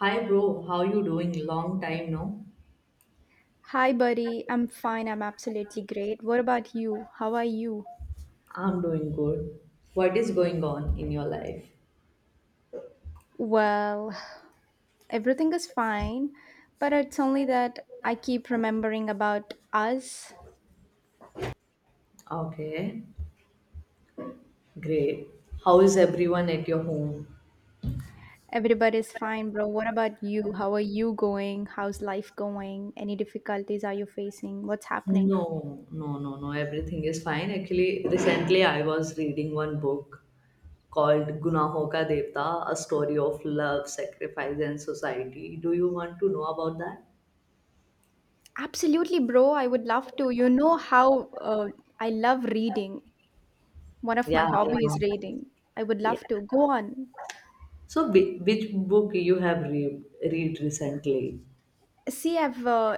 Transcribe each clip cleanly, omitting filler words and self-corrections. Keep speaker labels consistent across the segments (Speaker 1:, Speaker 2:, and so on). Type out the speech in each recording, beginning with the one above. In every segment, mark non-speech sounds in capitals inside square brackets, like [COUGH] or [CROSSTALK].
Speaker 1: Hi bro, how you doing? Long time no?
Speaker 2: Hi, buddy. I'm fine. I'm absolutely great. What about you? How are you?
Speaker 1: I'm doing good. What is going on in your life?
Speaker 2: Well, everything is fine, but it's only that I keep remembering about us.
Speaker 1: Okay. Great. How is everyone at your home?
Speaker 2: Everybody's fine, bro. What about you? How are you going? How's life going? Any difficulties are you facing? What's happening?
Speaker 1: No, no, no, no. Everything is fine. Actually, recently I was reading one book called Gunahon Ka Devta, A Story of Love, Sacrifice and Society. Do you want to know about that?
Speaker 2: Absolutely, bro. I would love to. You know how I love reading. One of
Speaker 1: Yeah,
Speaker 2: my
Speaker 1: I
Speaker 2: hobby is
Speaker 1: know.
Speaker 2: reading. I would
Speaker 1: Yeah.
Speaker 2: love to. Go on.
Speaker 1: So which book you have read, read recently?
Speaker 2: See, I've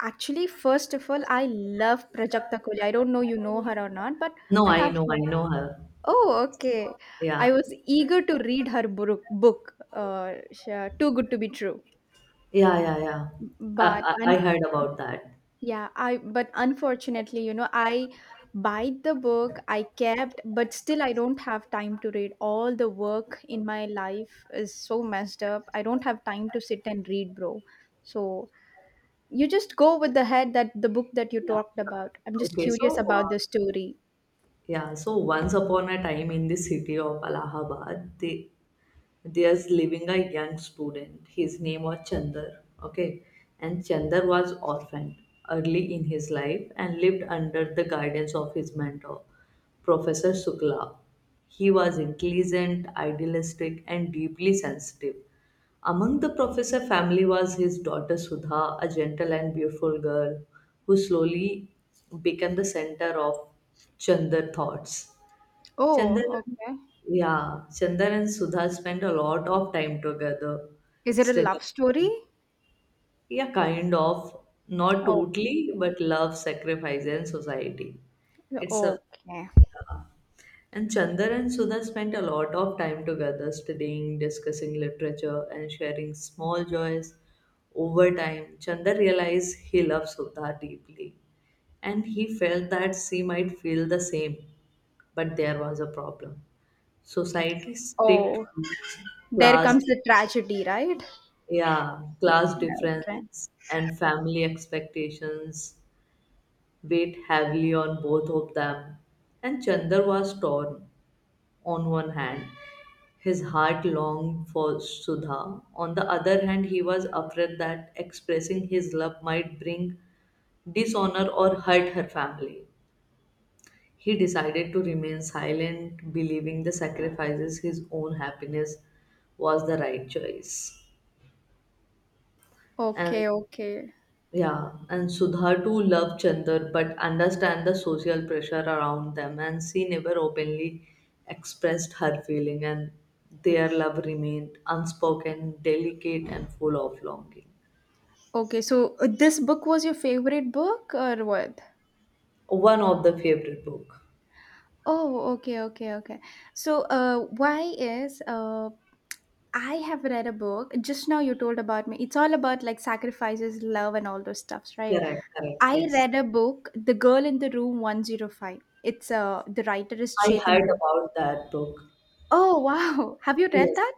Speaker 2: actually, first of all, I love Prajakta Kohli. I don't know you know her or not, but
Speaker 1: No,
Speaker 2: I love
Speaker 1: I
Speaker 2: her.
Speaker 1: know her.
Speaker 2: Oh, okay.
Speaker 1: Yeah.
Speaker 2: I was eager to read her book, Too Good to Be True.
Speaker 1: Yeah, yeah, yeah.
Speaker 2: But
Speaker 1: I
Speaker 2: un-
Speaker 1: heard about that.
Speaker 2: yeah, I but unfortunately, I bought the book, I kept, but still I don't have time to read. All the work in my life is so messed up. I don't have time to sit and read, bro. So you just go with the head that the book that you
Speaker 1: Yeah.
Speaker 2: talked about. I'm just
Speaker 1: Okay.
Speaker 2: curious about the story.
Speaker 1: Yeah. So once upon a time in the city of Allahabad, there's living a young student. His name was Chandar. Okay. And Chandar was orphaned early in his life and lived under the guidance of his mentor, Professor Sukla. He was intelligent, idealistic, and deeply sensitive. Among the professor family was his daughter Sudha, a gentle and beautiful girl who slowly became the center of Chandar thoughts.
Speaker 2: Oh,
Speaker 1: Chandan,
Speaker 2: okay.
Speaker 1: yeah, Chandan and Sudha spend a lot of time together
Speaker 2: Is it a
Speaker 1: studying.
Speaker 2: love story?
Speaker 1: Yeah, kind of, not
Speaker 2: Okay.
Speaker 1: totally, but love, sacrifice, and society. It's a
Speaker 2: Okay.
Speaker 1: and Chandan and Sudha spent a lot of time together studying, discussing literature, and sharing small joys. Over time, Chandan realized he loved Sudha deeply, and he felt that she might feel the same, but there was a problem. Society strict
Speaker 2: Oh,
Speaker 1: rules,
Speaker 2: there
Speaker 1: class,
Speaker 2: comes the tragedy, right?
Speaker 1: yeah, class
Speaker 2: Okay.
Speaker 1: difference, and family expectations weighed heavily on both of them. And Chandar was torn on one hand. His heart longed for Sudha. On the other hand, he was afraid that expressing his love might bring dishonor or hurt her family. He decided to remain silent, believing the sacrifices his own happiness was the right choice. And
Speaker 2: Okay, okay.
Speaker 1: yeah, and Sudha too loved Chandar but understand the social pressure around them and she never openly expressed her feeling and their love remained unspoken, delicate and full of longing.
Speaker 2: Okay, so this book was your favorite book or what?
Speaker 1: One of the favorite book.
Speaker 2: Oh, okay, okay, okay. So, why is I have read a book just now you told about me. It's all about like sacrifices, love, and all those stuffs, right?
Speaker 1: Correct, correct,
Speaker 2: I
Speaker 1: yes.
Speaker 2: read a book, The Girl in the Room 105. It's The writer is
Speaker 1: I
Speaker 2: Chetan
Speaker 1: heard
Speaker 2: Bhatt.
Speaker 1: about that book.
Speaker 2: Oh wow. [LAUGHS] Have you read
Speaker 1: Yes.
Speaker 2: that?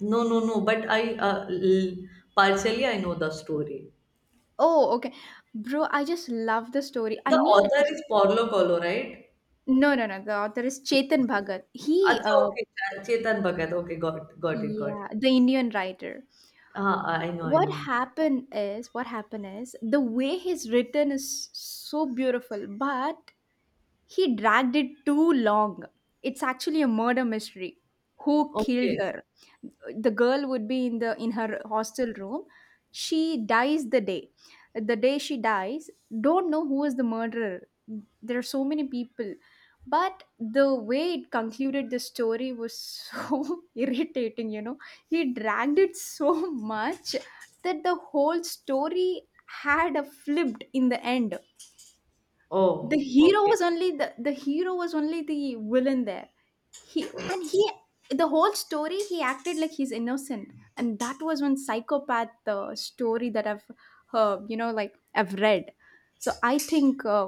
Speaker 1: No, no, no. But partially I know the story.
Speaker 2: Oh, okay. Bro, I just love the story.
Speaker 1: The author is Paulo Coelho, right?
Speaker 2: No, no, no. The author is
Speaker 1: Yes.
Speaker 2: Chetan Bhagat. He
Speaker 1: Achha, okay. Chetan Bhagat. Okay, got it, got it.
Speaker 2: Yeah, the Indian writer.
Speaker 1: Ah, I know, I know.
Speaker 2: What happened is the way he's written is so beautiful, but he dragged it too long. It's actually a murder mystery. Who killed
Speaker 1: Okay.
Speaker 2: her? The girl would be in her hostel room. She dies the day. The day she dies, don't know who is the murderer. There are so many people, but the way it concluded the story was so [LAUGHS] irritating. He dragged it so much that the whole story had a flipped in the end. The
Speaker 1: Oh,
Speaker 2: hero
Speaker 1: okay.
Speaker 2: was only the hero was only the villain there. He, the whole story he acted like he's innocent, and that was one psychopath story that I've you know like I've read. So I think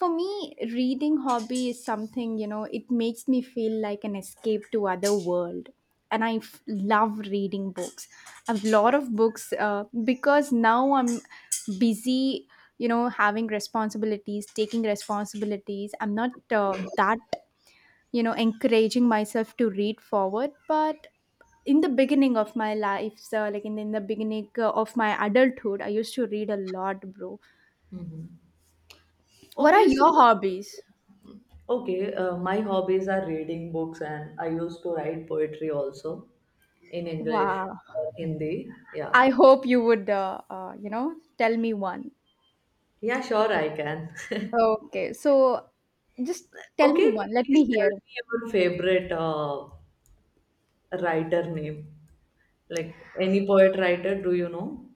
Speaker 2: for me reading hobby is something, you know, it makes me feel like an escape to other world, and I love reading books. I have a lot of books, because now I'm busy, you know, having responsibilities, taking responsibilities. I'm not that, you know, encouraging myself to read forward, but in the beginning of my life, so like in the beginning of my adulthood I used to read a lot, bro.
Speaker 1: Hmm.
Speaker 2: What are
Speaker 1: Okay, so
Speaker 2: your hobbies?
Speaker 1: okay. My hobbies are reading books, and I used to write poetry also in English
Speaker 2: Wow.
Speaker 1: or Hindi. Yeah.
Speaker 2: I hope you would you know, tell me one.
Speaker 1: Yeah, sure, I can. [LAUGHS]
Speaker 2: Okay, so just tell me
Speaker 1: Okay,
Speaker 2: one, let
Speaker 1: please
Speaker 2: me
Speaker 1: tell
Speaker 2: hear.
Speaker 1: me your favorite writer name? Like any poet writer, do you know?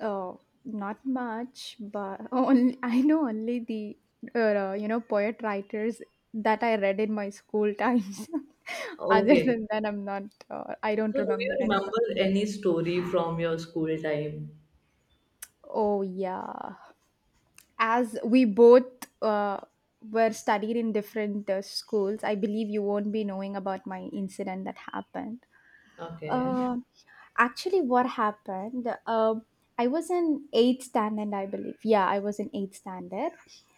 Speaker 2: Oh, not much, but [LAUGHS] only I know only the you know, poet writers that I read in my school times. [LAUGHS] Other
Speaker 1: Okay.
Speaker 2: than that, I'm not. I don't
Speaker 1: So do you
Speaker 2: remember
Speaker 1: remember
Speaker 2: anybody.
Speaker 1: any story from your school time?
Speaker 2: Oh yeah. As we both uh, were studied in different schools, I believe you won't be knowing about my incident that happened.
Speaker 1: Okay.
Speaker 2: Uh, actually, what happened? I was in eighth standard, I believe. Yeah, I was in eighth standard,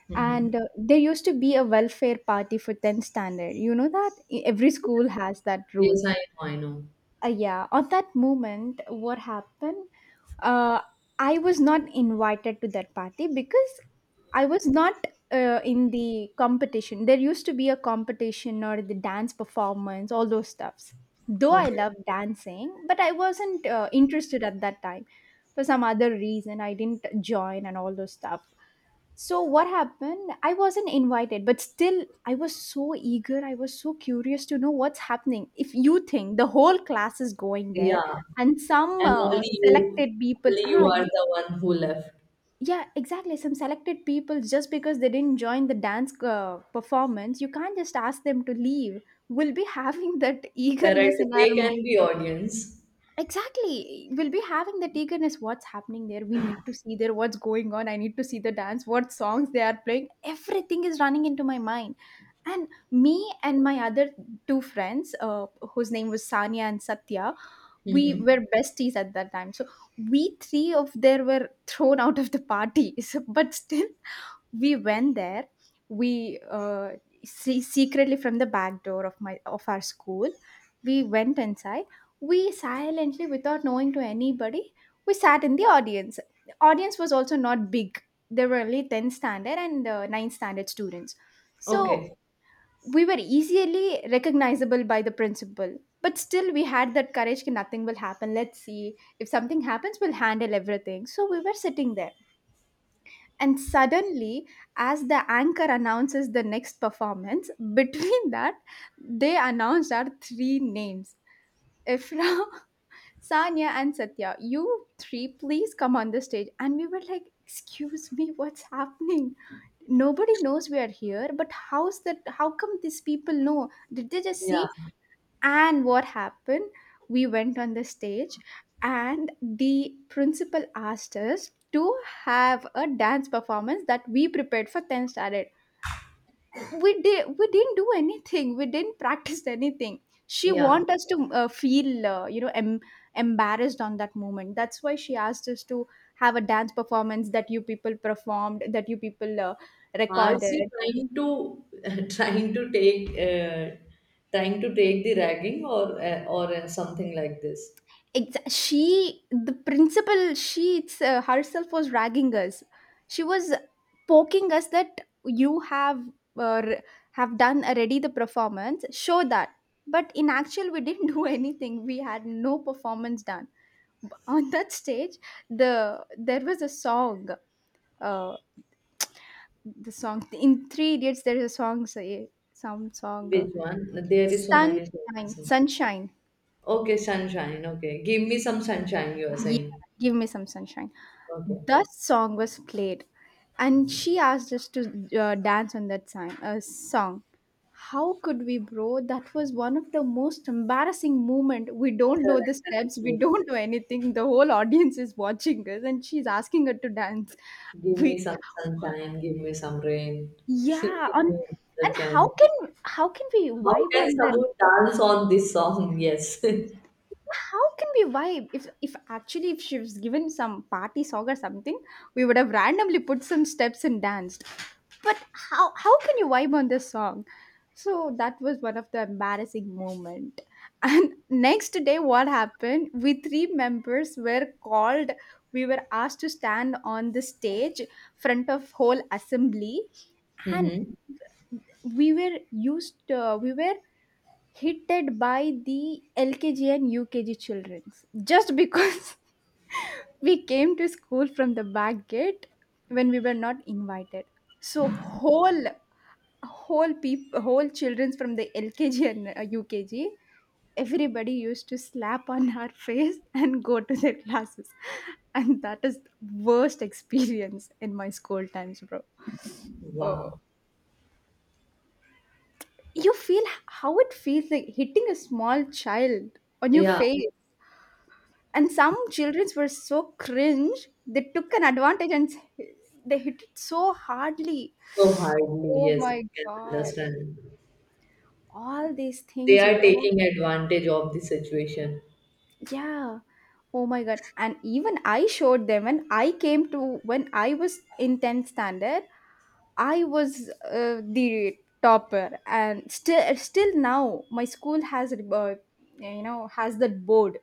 Speaker 1: Hmm.
Speaker 2: and there used to be a welfare party for tenth standard. You know that E, every school has that rule.
Speaker 1: Yes, I know, I know.
Speaker 2: Yeah, on that moment what happened? uh, I was not invited to that party because I was not in the competition. There used to be a competition or the dance performance, all those stuffs. Though I
Speaker 1: Okay.
Speaker 2: love dancing, but I wasn't interested at that time, for some other reason I didn't join and all those stuff. So what happened? I wasn't invited, but still I was so eager. I was so curious to know what's happening. If you think the whole class is going there
Speaker 1: Yeah.
Speaker 2: and some
Speaker 1: And only you,
Speaker 2: selected people,
Speaker 1: only you are the one who left.
Speaker 2: yeah, exactly. Some selected people, just because they didn't join the dance performance, you can't just ask them to leave. We'll be [LAUGHS] having that
Speaker 1: Correct.
Speaker 2: eagerness in our,
Speaker 1: They can be audience.
Speaker 2: exactly. We'll be having the eagerness. What's happening there. We need to see there what's going on. I need to see the dance, what songs they are playing. Everything is running into my mind. And me and my other two friends, whose name was Sanya and Satya, we
Speaker 1: Hmm.
Speaker 2: were besties at that time. So we three of there were thrown out of the party. [LAUGHS] So, but still, we went there. we uh, Secretly from the back door of my of our school we went inside. We silently, without knowing to anybody, we sat in the audience. The audience was also not big. There were only 10th standard and 9th standard students, so
Speaker 1: Okay.
Speaker 2: we were easily recognizable by the principal, but still we had that courage, "Ki nothing will happen, let's see if something happens, we'll handle everything." So we were sitting there, and suddenly, as the anchor announces the next performance, [LAUGHS] between that, they announced our three names. Ifra, [LAUGHS] Sanya, and Satya, you three, please come on the stage. And we were like, excuse me, what's happening? Nobody knows we are here, but how's that? How come these people know? Did they just
Speaker 1: Yeah.
Speaker 2: see? And what happened? We went on the stage, and the principal asked us to have a dance performance that we prepared for tenth standard. We did. We didn't do anything. We didn't practice anything. She
Speaker 1: Yeah.
Speaker 2: want us to feel, you know, embarrassed on that moment. That's why she asked us to have a dance performance that you people performed, that you people
Speaker 1: Are
Speaker 2: recorded.
Speaker 1: she trying to [LAUGHS] trying to take uh, trying to take the ragging or something like this?
Speaker 2: Exa She, the principal, herself was ragging us. She was poking us that you have uh, r- have done already the performance. Show that. But in actual, we didn't [LAUGHS] do anything. We had no performance done. On that stage, there was a song. Uh, the song in Three Idiots. There is a song. Say some song.
Speaker 1: Which one? There is so many
Speaker 2: Sunshine,
Speaker 1: songs.
Speaker 2: sunshine.
Speaker 1: Okay, sunshine. Okay, give me some sunshine. You are
Speaker 2: Yeah,
Speaker 1: saying.
Speaker 2: give me some sunshine.
Speaker 1: Okay,
Speaker 2: That song was played, and she asked us to dance on that song. How could we, bro? That was one of the most embarrassing moment. We don't know
Speaker 1: correct,
Speaker 2: the
Speaker 1: correct.
Speaker 2: steps.
Speaker 1: Yes.
Speaker 2: We don't know anything. The whole audience is watching us, and she's asking her to dance.
Speaker 1: Give me
Speaker 2: We,
Speaker 1: some sunshine. Give me some rain. [LAUGHS]
Speaker 2: yeah,
Speaker 1: Give
Speaker 2: on
Speaker 1: me the
Speaker 2: and how
Speaker 1: chance.
Speaker 2: can, how can we
Speaker 1: How
Speaker 2: vibe
Speaker 1: can
Speaker 2: on that,
Speaker 1: someone dance on this song? Yes. [LAUGHS]
Speaker 2: how can we vibe if actually if she was given some party song or something, we would have randomly put some steps and danced. But how can you vibe on this song? So that was one of the embarrassing moment, [LAUGHS] and next day what happened, we three members were called, we were asked to stand on the stage, front of whole assembly, and
Speaker 1: Mm-hmm.
Speaker 2: we were we were hated by the LKG and UKG children just because [LAUGHS] we came to school from the back gate when we were not invited. So whole people, whole childrens from the LKG and UKG, everybody used to slap on her [LAUGHS] face and go to their classes, and that is the worst experience in my school times, bro. Oh.
Speaker 1: Wow.
Speaker 2: You feel how it feels like hitting a small child on your
Speaker 1: Yeah.
Speaker 2: face. And some childrens were so cringe, they took an advantage and they hit it so hardly.
Speaker 1: So hardly.
Speaker 2: Oh
Speaker 1: Yes,
Speaker 2: my
Speaker 1: I can
Speaker 2: god.
Speaker 1: understand.
Speaker 2: All these
Speaker 1: They
Speaker 2: things, you
Speaker 1: are
Speaker 2: know.
Speaker 1: taking advantage of the situation.
Speaker 2: Yeah. Oh my god. And even I showed them when I came to, when I was in 10th standard, I was the topper, and still now my school has you know, has that board,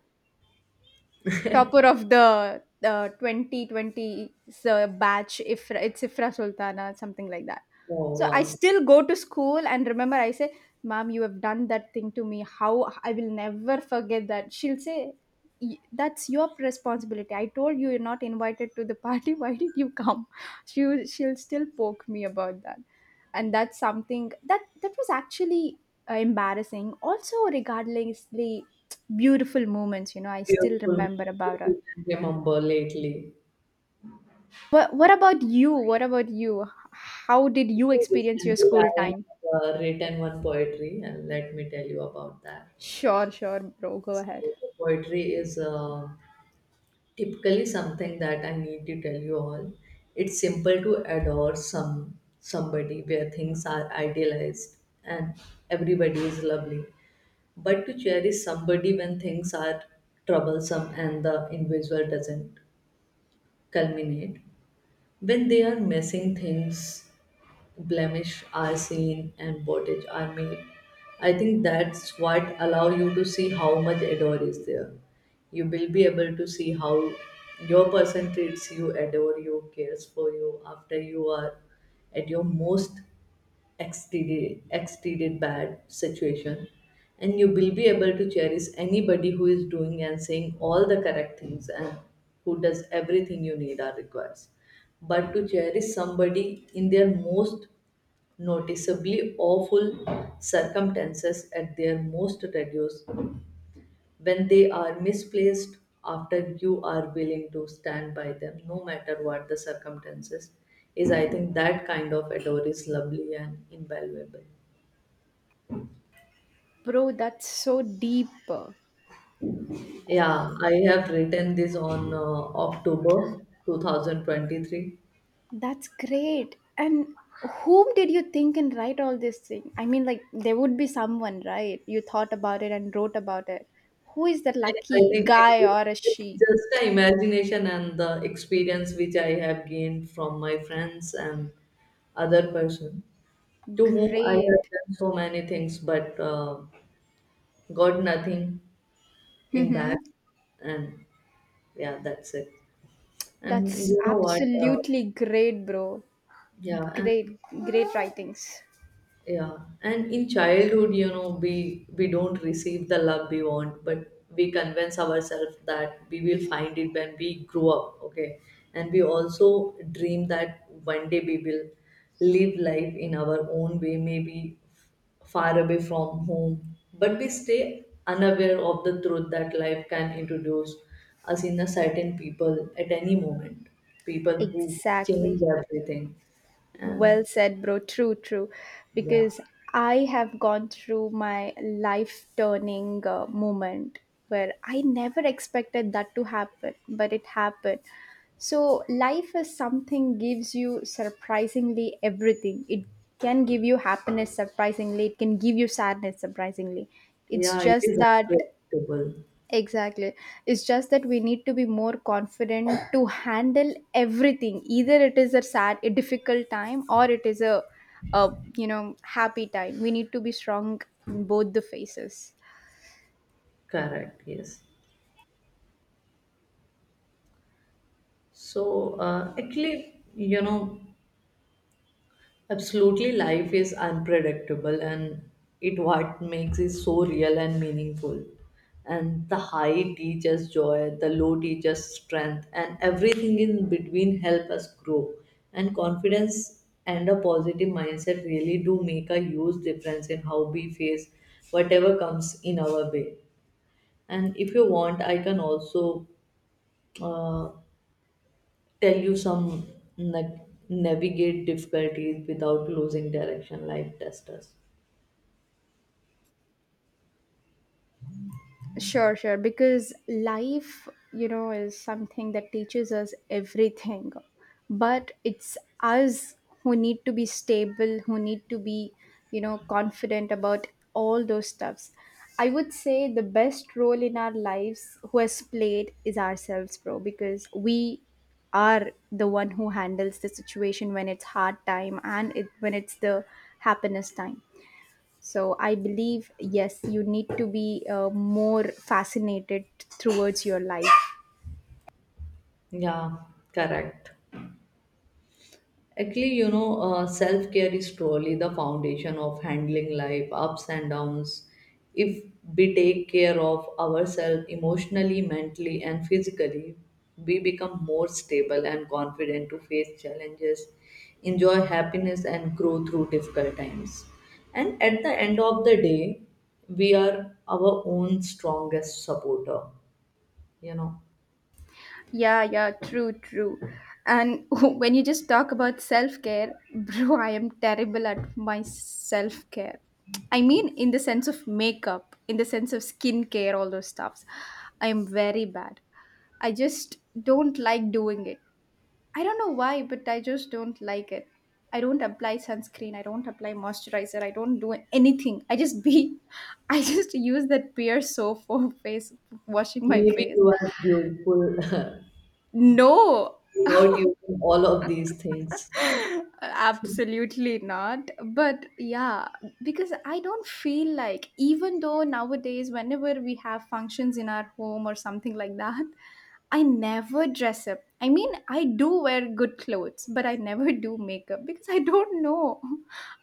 Speaker 2: topper of the 2020 batch, if it's Ifra Sultana, something like that.
Speaker 1: Oh
Speaker 2: So I
Speaker 1: wow.
Speaker 2: still go to school and remember, I say, "Mom, you have done that thing to me, how I will never forget that." She'll say, "Y- that's your responsibility, I told you you're not invited to the party, [LAUGHS] why did you come?" She will- she'll still poke me about that. And that's something that, that was actually embarrassing, also regardlessly beautiful moments, you know, I still
Speaker 1: Beautiful.
Speaker 2: remember
Speaker 1: You
Speaker 2: about it.
Speaker 1: can remember lately.
Speaker 2: What about you, what about you, how did you
Speaker 1: Recently,
Speaker 2: experience your
Speaker 1: recently
Speaker 2: school
Speaker 1: I
Speaker 2: time?
Speaker 1: have written one poetry, and let me tell you about that.
Speaker 2: Sure, sure, bro, go
Speaker 1: So,
Speaker 2: ahead.
Speaker 1: the poetry is typically something that I need to tell you all. It's simple to adore somebody where things are idealized and everybody is lovely, but to cherish somebody when things are troublesome and the individual doesn't culminate, when they are missing things blemish are seen and bondage are made. I think that's what allow you to see how much adore is there. You will be able to see how your person treats you, adore you, cares for you after you are at your most exceeded bad situation. And you will be able to cherish anybody who is doing and saying all the correct things and who does everything you need or requires but to cherish somebody in their most noticeably awful circumstances at their most reduced when they are misplaced after you are willing to stand by them no matter what the circumstances is. I think that kind of adore is lovely and invaluable.
Speaker 2: Bro, that's so deep.
Speaker 1: Yeah, I have written this on october 2023.
Speaker 2: That's great. And whom did you think and write all this thing? I mean, like, there would be someone, right, you thought about it and wrote about it. Who is that
Speaker 1: And I
Speaker 2: lucky
Speaker 1: think
Speaker 2: guy or a
Speaker 1: it's
Speaker 2: she?
Speaker 1: just the imagination and the experience which I have gained from my friends and other person. To whom I have
Speaker 2: Great.
Speaker 1: done so many things, but got nothing in back.
Speaker 2: Mm-hmm.
Speaker 1: And yeah, that's it. And
Speaker 2: That's
Speaker 1: you know what?
Speaker 2: absolutely great, bro.
Speaker 1: Yeah, and
Speaker 2: Great, great writings.
Speaker 1: Yeah, and in childhood, you know, we don't receive the love we want, but we convince ourselves that we will find it when we grow up, okay? And we also dream that one day we will live life in our own way, maybe far away from home, but we stay unaware of the truth that life can introduce us in a certain people at any moment, people who change
Speaker 2: Exactly.
Speaker 1: everything. And
Speaker 2: Well said, bro. True, true.
Speaker 1: yeah.
Speaker 2: Because I have gone through my life turning moment where I never expected that to happen, but it happened. So, life is something gives you surprisingly everything. It can give you happiness surprisingly, it can give you sadness surprisingly. It's
Speaker 1: Yeah, it is
Speaker 2: just that.
Speaker 1: unpredictable.
Speaker 2: Exactly. It's just that we need to be more confident to handle everything. Either it is a sad, a difficult time, or it is a you know, happy time. We need to be strong in both the phases.
Speaker 1: Correct, yes. Actually, you know, absolutely life is unpredictable and it what makes it so real and meaningful. And the high teaches joy, the low teaches strength, and everything in between help us grow. And confidence and a positive mindset really do make a huge difference in how we face whatever comes in our way. And if you want, I can also uh, tell you some like navigate difficulties without losing direction like testers.
Speaker 2: Sure, sure. Because life, you know, is something that teaches us everything. But it's us who need to be stable, who need to be, you know, confident about all those stuffs. I would say the best role in our lives who has played is ourselves, bro, because we are the one who handles the situation when it's hard time and it, when it's the happiness time. So I believe, yes, you need to be more fascinated towards your life.
Speaker 1: Yeah, correct. Actually, you know, self care is truly the foundation of handling life ups and downs. If we take care of ourselves emotionally, mentally, and physically, we become more stable and confident to face challenges, enjoy happiness, and grow through difficult times. And at the end of the day, we are our own strongest supporter, you know.
Speaker 2: Yeah, yeah, true, true. And [LAUGHS] when you just talk about self care, [LAUGHS] bro, I am terrible at my self care. I mean, in the sense of makeup, in the sense of skincare, all those stuffs. I am very bad. I just don't like doing it. I don't know why, but I just don't like it. I don't apply sunscreen. I don't apply moisturizer. I don't do anything. I just be, [LAUGHS] I just use that pear soap for face washing my
Speaker 1: Maybe
Speaker 2: face.
Speaker 1: you are beautiful [LAUGHS]
Speaker 2: No,
Speaker 1: without using all of these things.
Speaker 2: [LAUGHS] absolutely not. But yeah, because I don't feel like, even though nowadays, whenever we have functions in our home or something like that, I never dress up. I mean, I do wear good clothes, but I never [LAUGHS] do makeup because I don't know.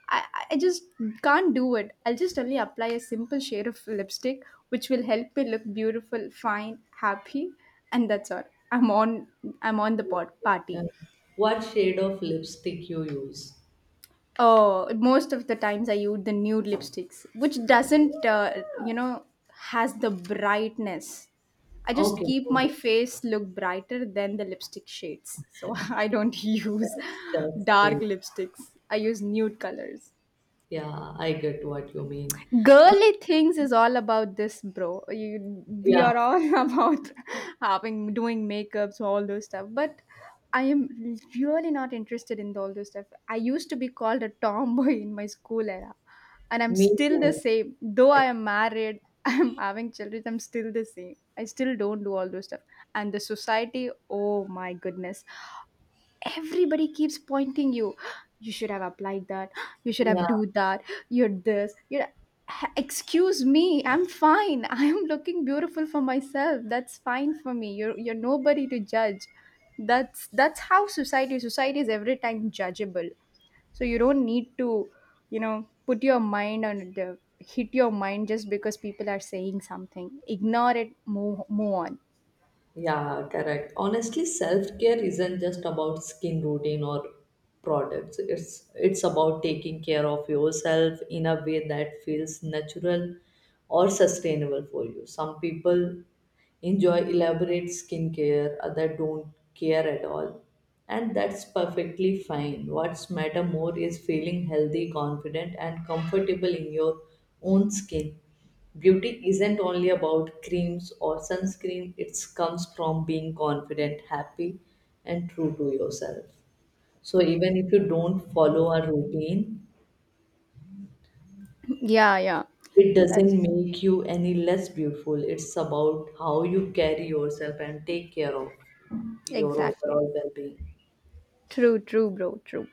Speaker 2: I, I just can't do it. I'll just only apply a simple shade of lipstick, which will help me look beautiful, fine, happy, and that's all. I'm on. I'm on the pot
Speaker 1: Yeah.
Speaker 2: party.
Speaker 1: What shade of lipstick you use?
Speaker 2: Oh, most of the times I use the nude lipsticks, which doesn't, you know, has the brightness. I just
Speaker 1: Okay,
Speaker 2: keep my
Speaker 1: okay.
Speaker 2: face look brighter than the lipstick shades. So [LAUGHS] I don't use
Speaker 1: That's
Speaker 2: dark
Speaker 1: great.
Speaker 2: lipsticks. I use nude colors.
Speaker 1: Yeah, I get what you mean. Hon-
Speaker 2: Girly things is all about this, bro. You, we
Speaker 1: Yeah,
Speaker 2: are all [LAUGHS] about having doing makeups all those stuff, but I am really not interested in all those stuff. I used to be called a tomboy in my school era, and I'm
Speaker 1: me
Speaker 2: still the
Speaker 1: too.
Speaker 2: same. Though I
Speaker 1: Ac-
Speaker 2: am married, [LAUGHS] I'm having children, I'm still the same. I still don't do all those stuff. And the society, oh my goodness, everybody keeps pointing you, [GASPS] you should have applied that, [GASPS] you should
Speaker 1: Yeah,
Speaker 2: have do that, you're this, you're excuse me, I'm fine. [LAUGHS] I'm looking beautiful for myself, that's fine for me. You're nobody to judge. That's how society is, every time judgeable. So you don't need to, you know, put your mind on the hit your mind just because people are saying something. Ignore it, move on.
Speaker 1: yeah, correct. Honestly, self-care isn't just about skin routine or products. It's about taking care of yourself in a way that feels natural or sustainable for you. Some people enjoy elaborate skincare, other don't care at all. And that's perfectly fine. What's matter more is feeling healthy, confident, and comfortable in your own skin. Beauty isn't only about creams or sunscreen, it comes from being confident, happy, and true to yourself. So, even if you don't follow a routine,
Speaker 2: [LAUGHS] Yeah, yeah,
Speaker 1: it
Speaker 2: that's
Speaker 1: doesn't make you any less beautiful. It's about how you carry yourself and take care of your
Speaker 2: exactly
Speaker 1: overall well being.
Speaker 2: true. True, bro, true.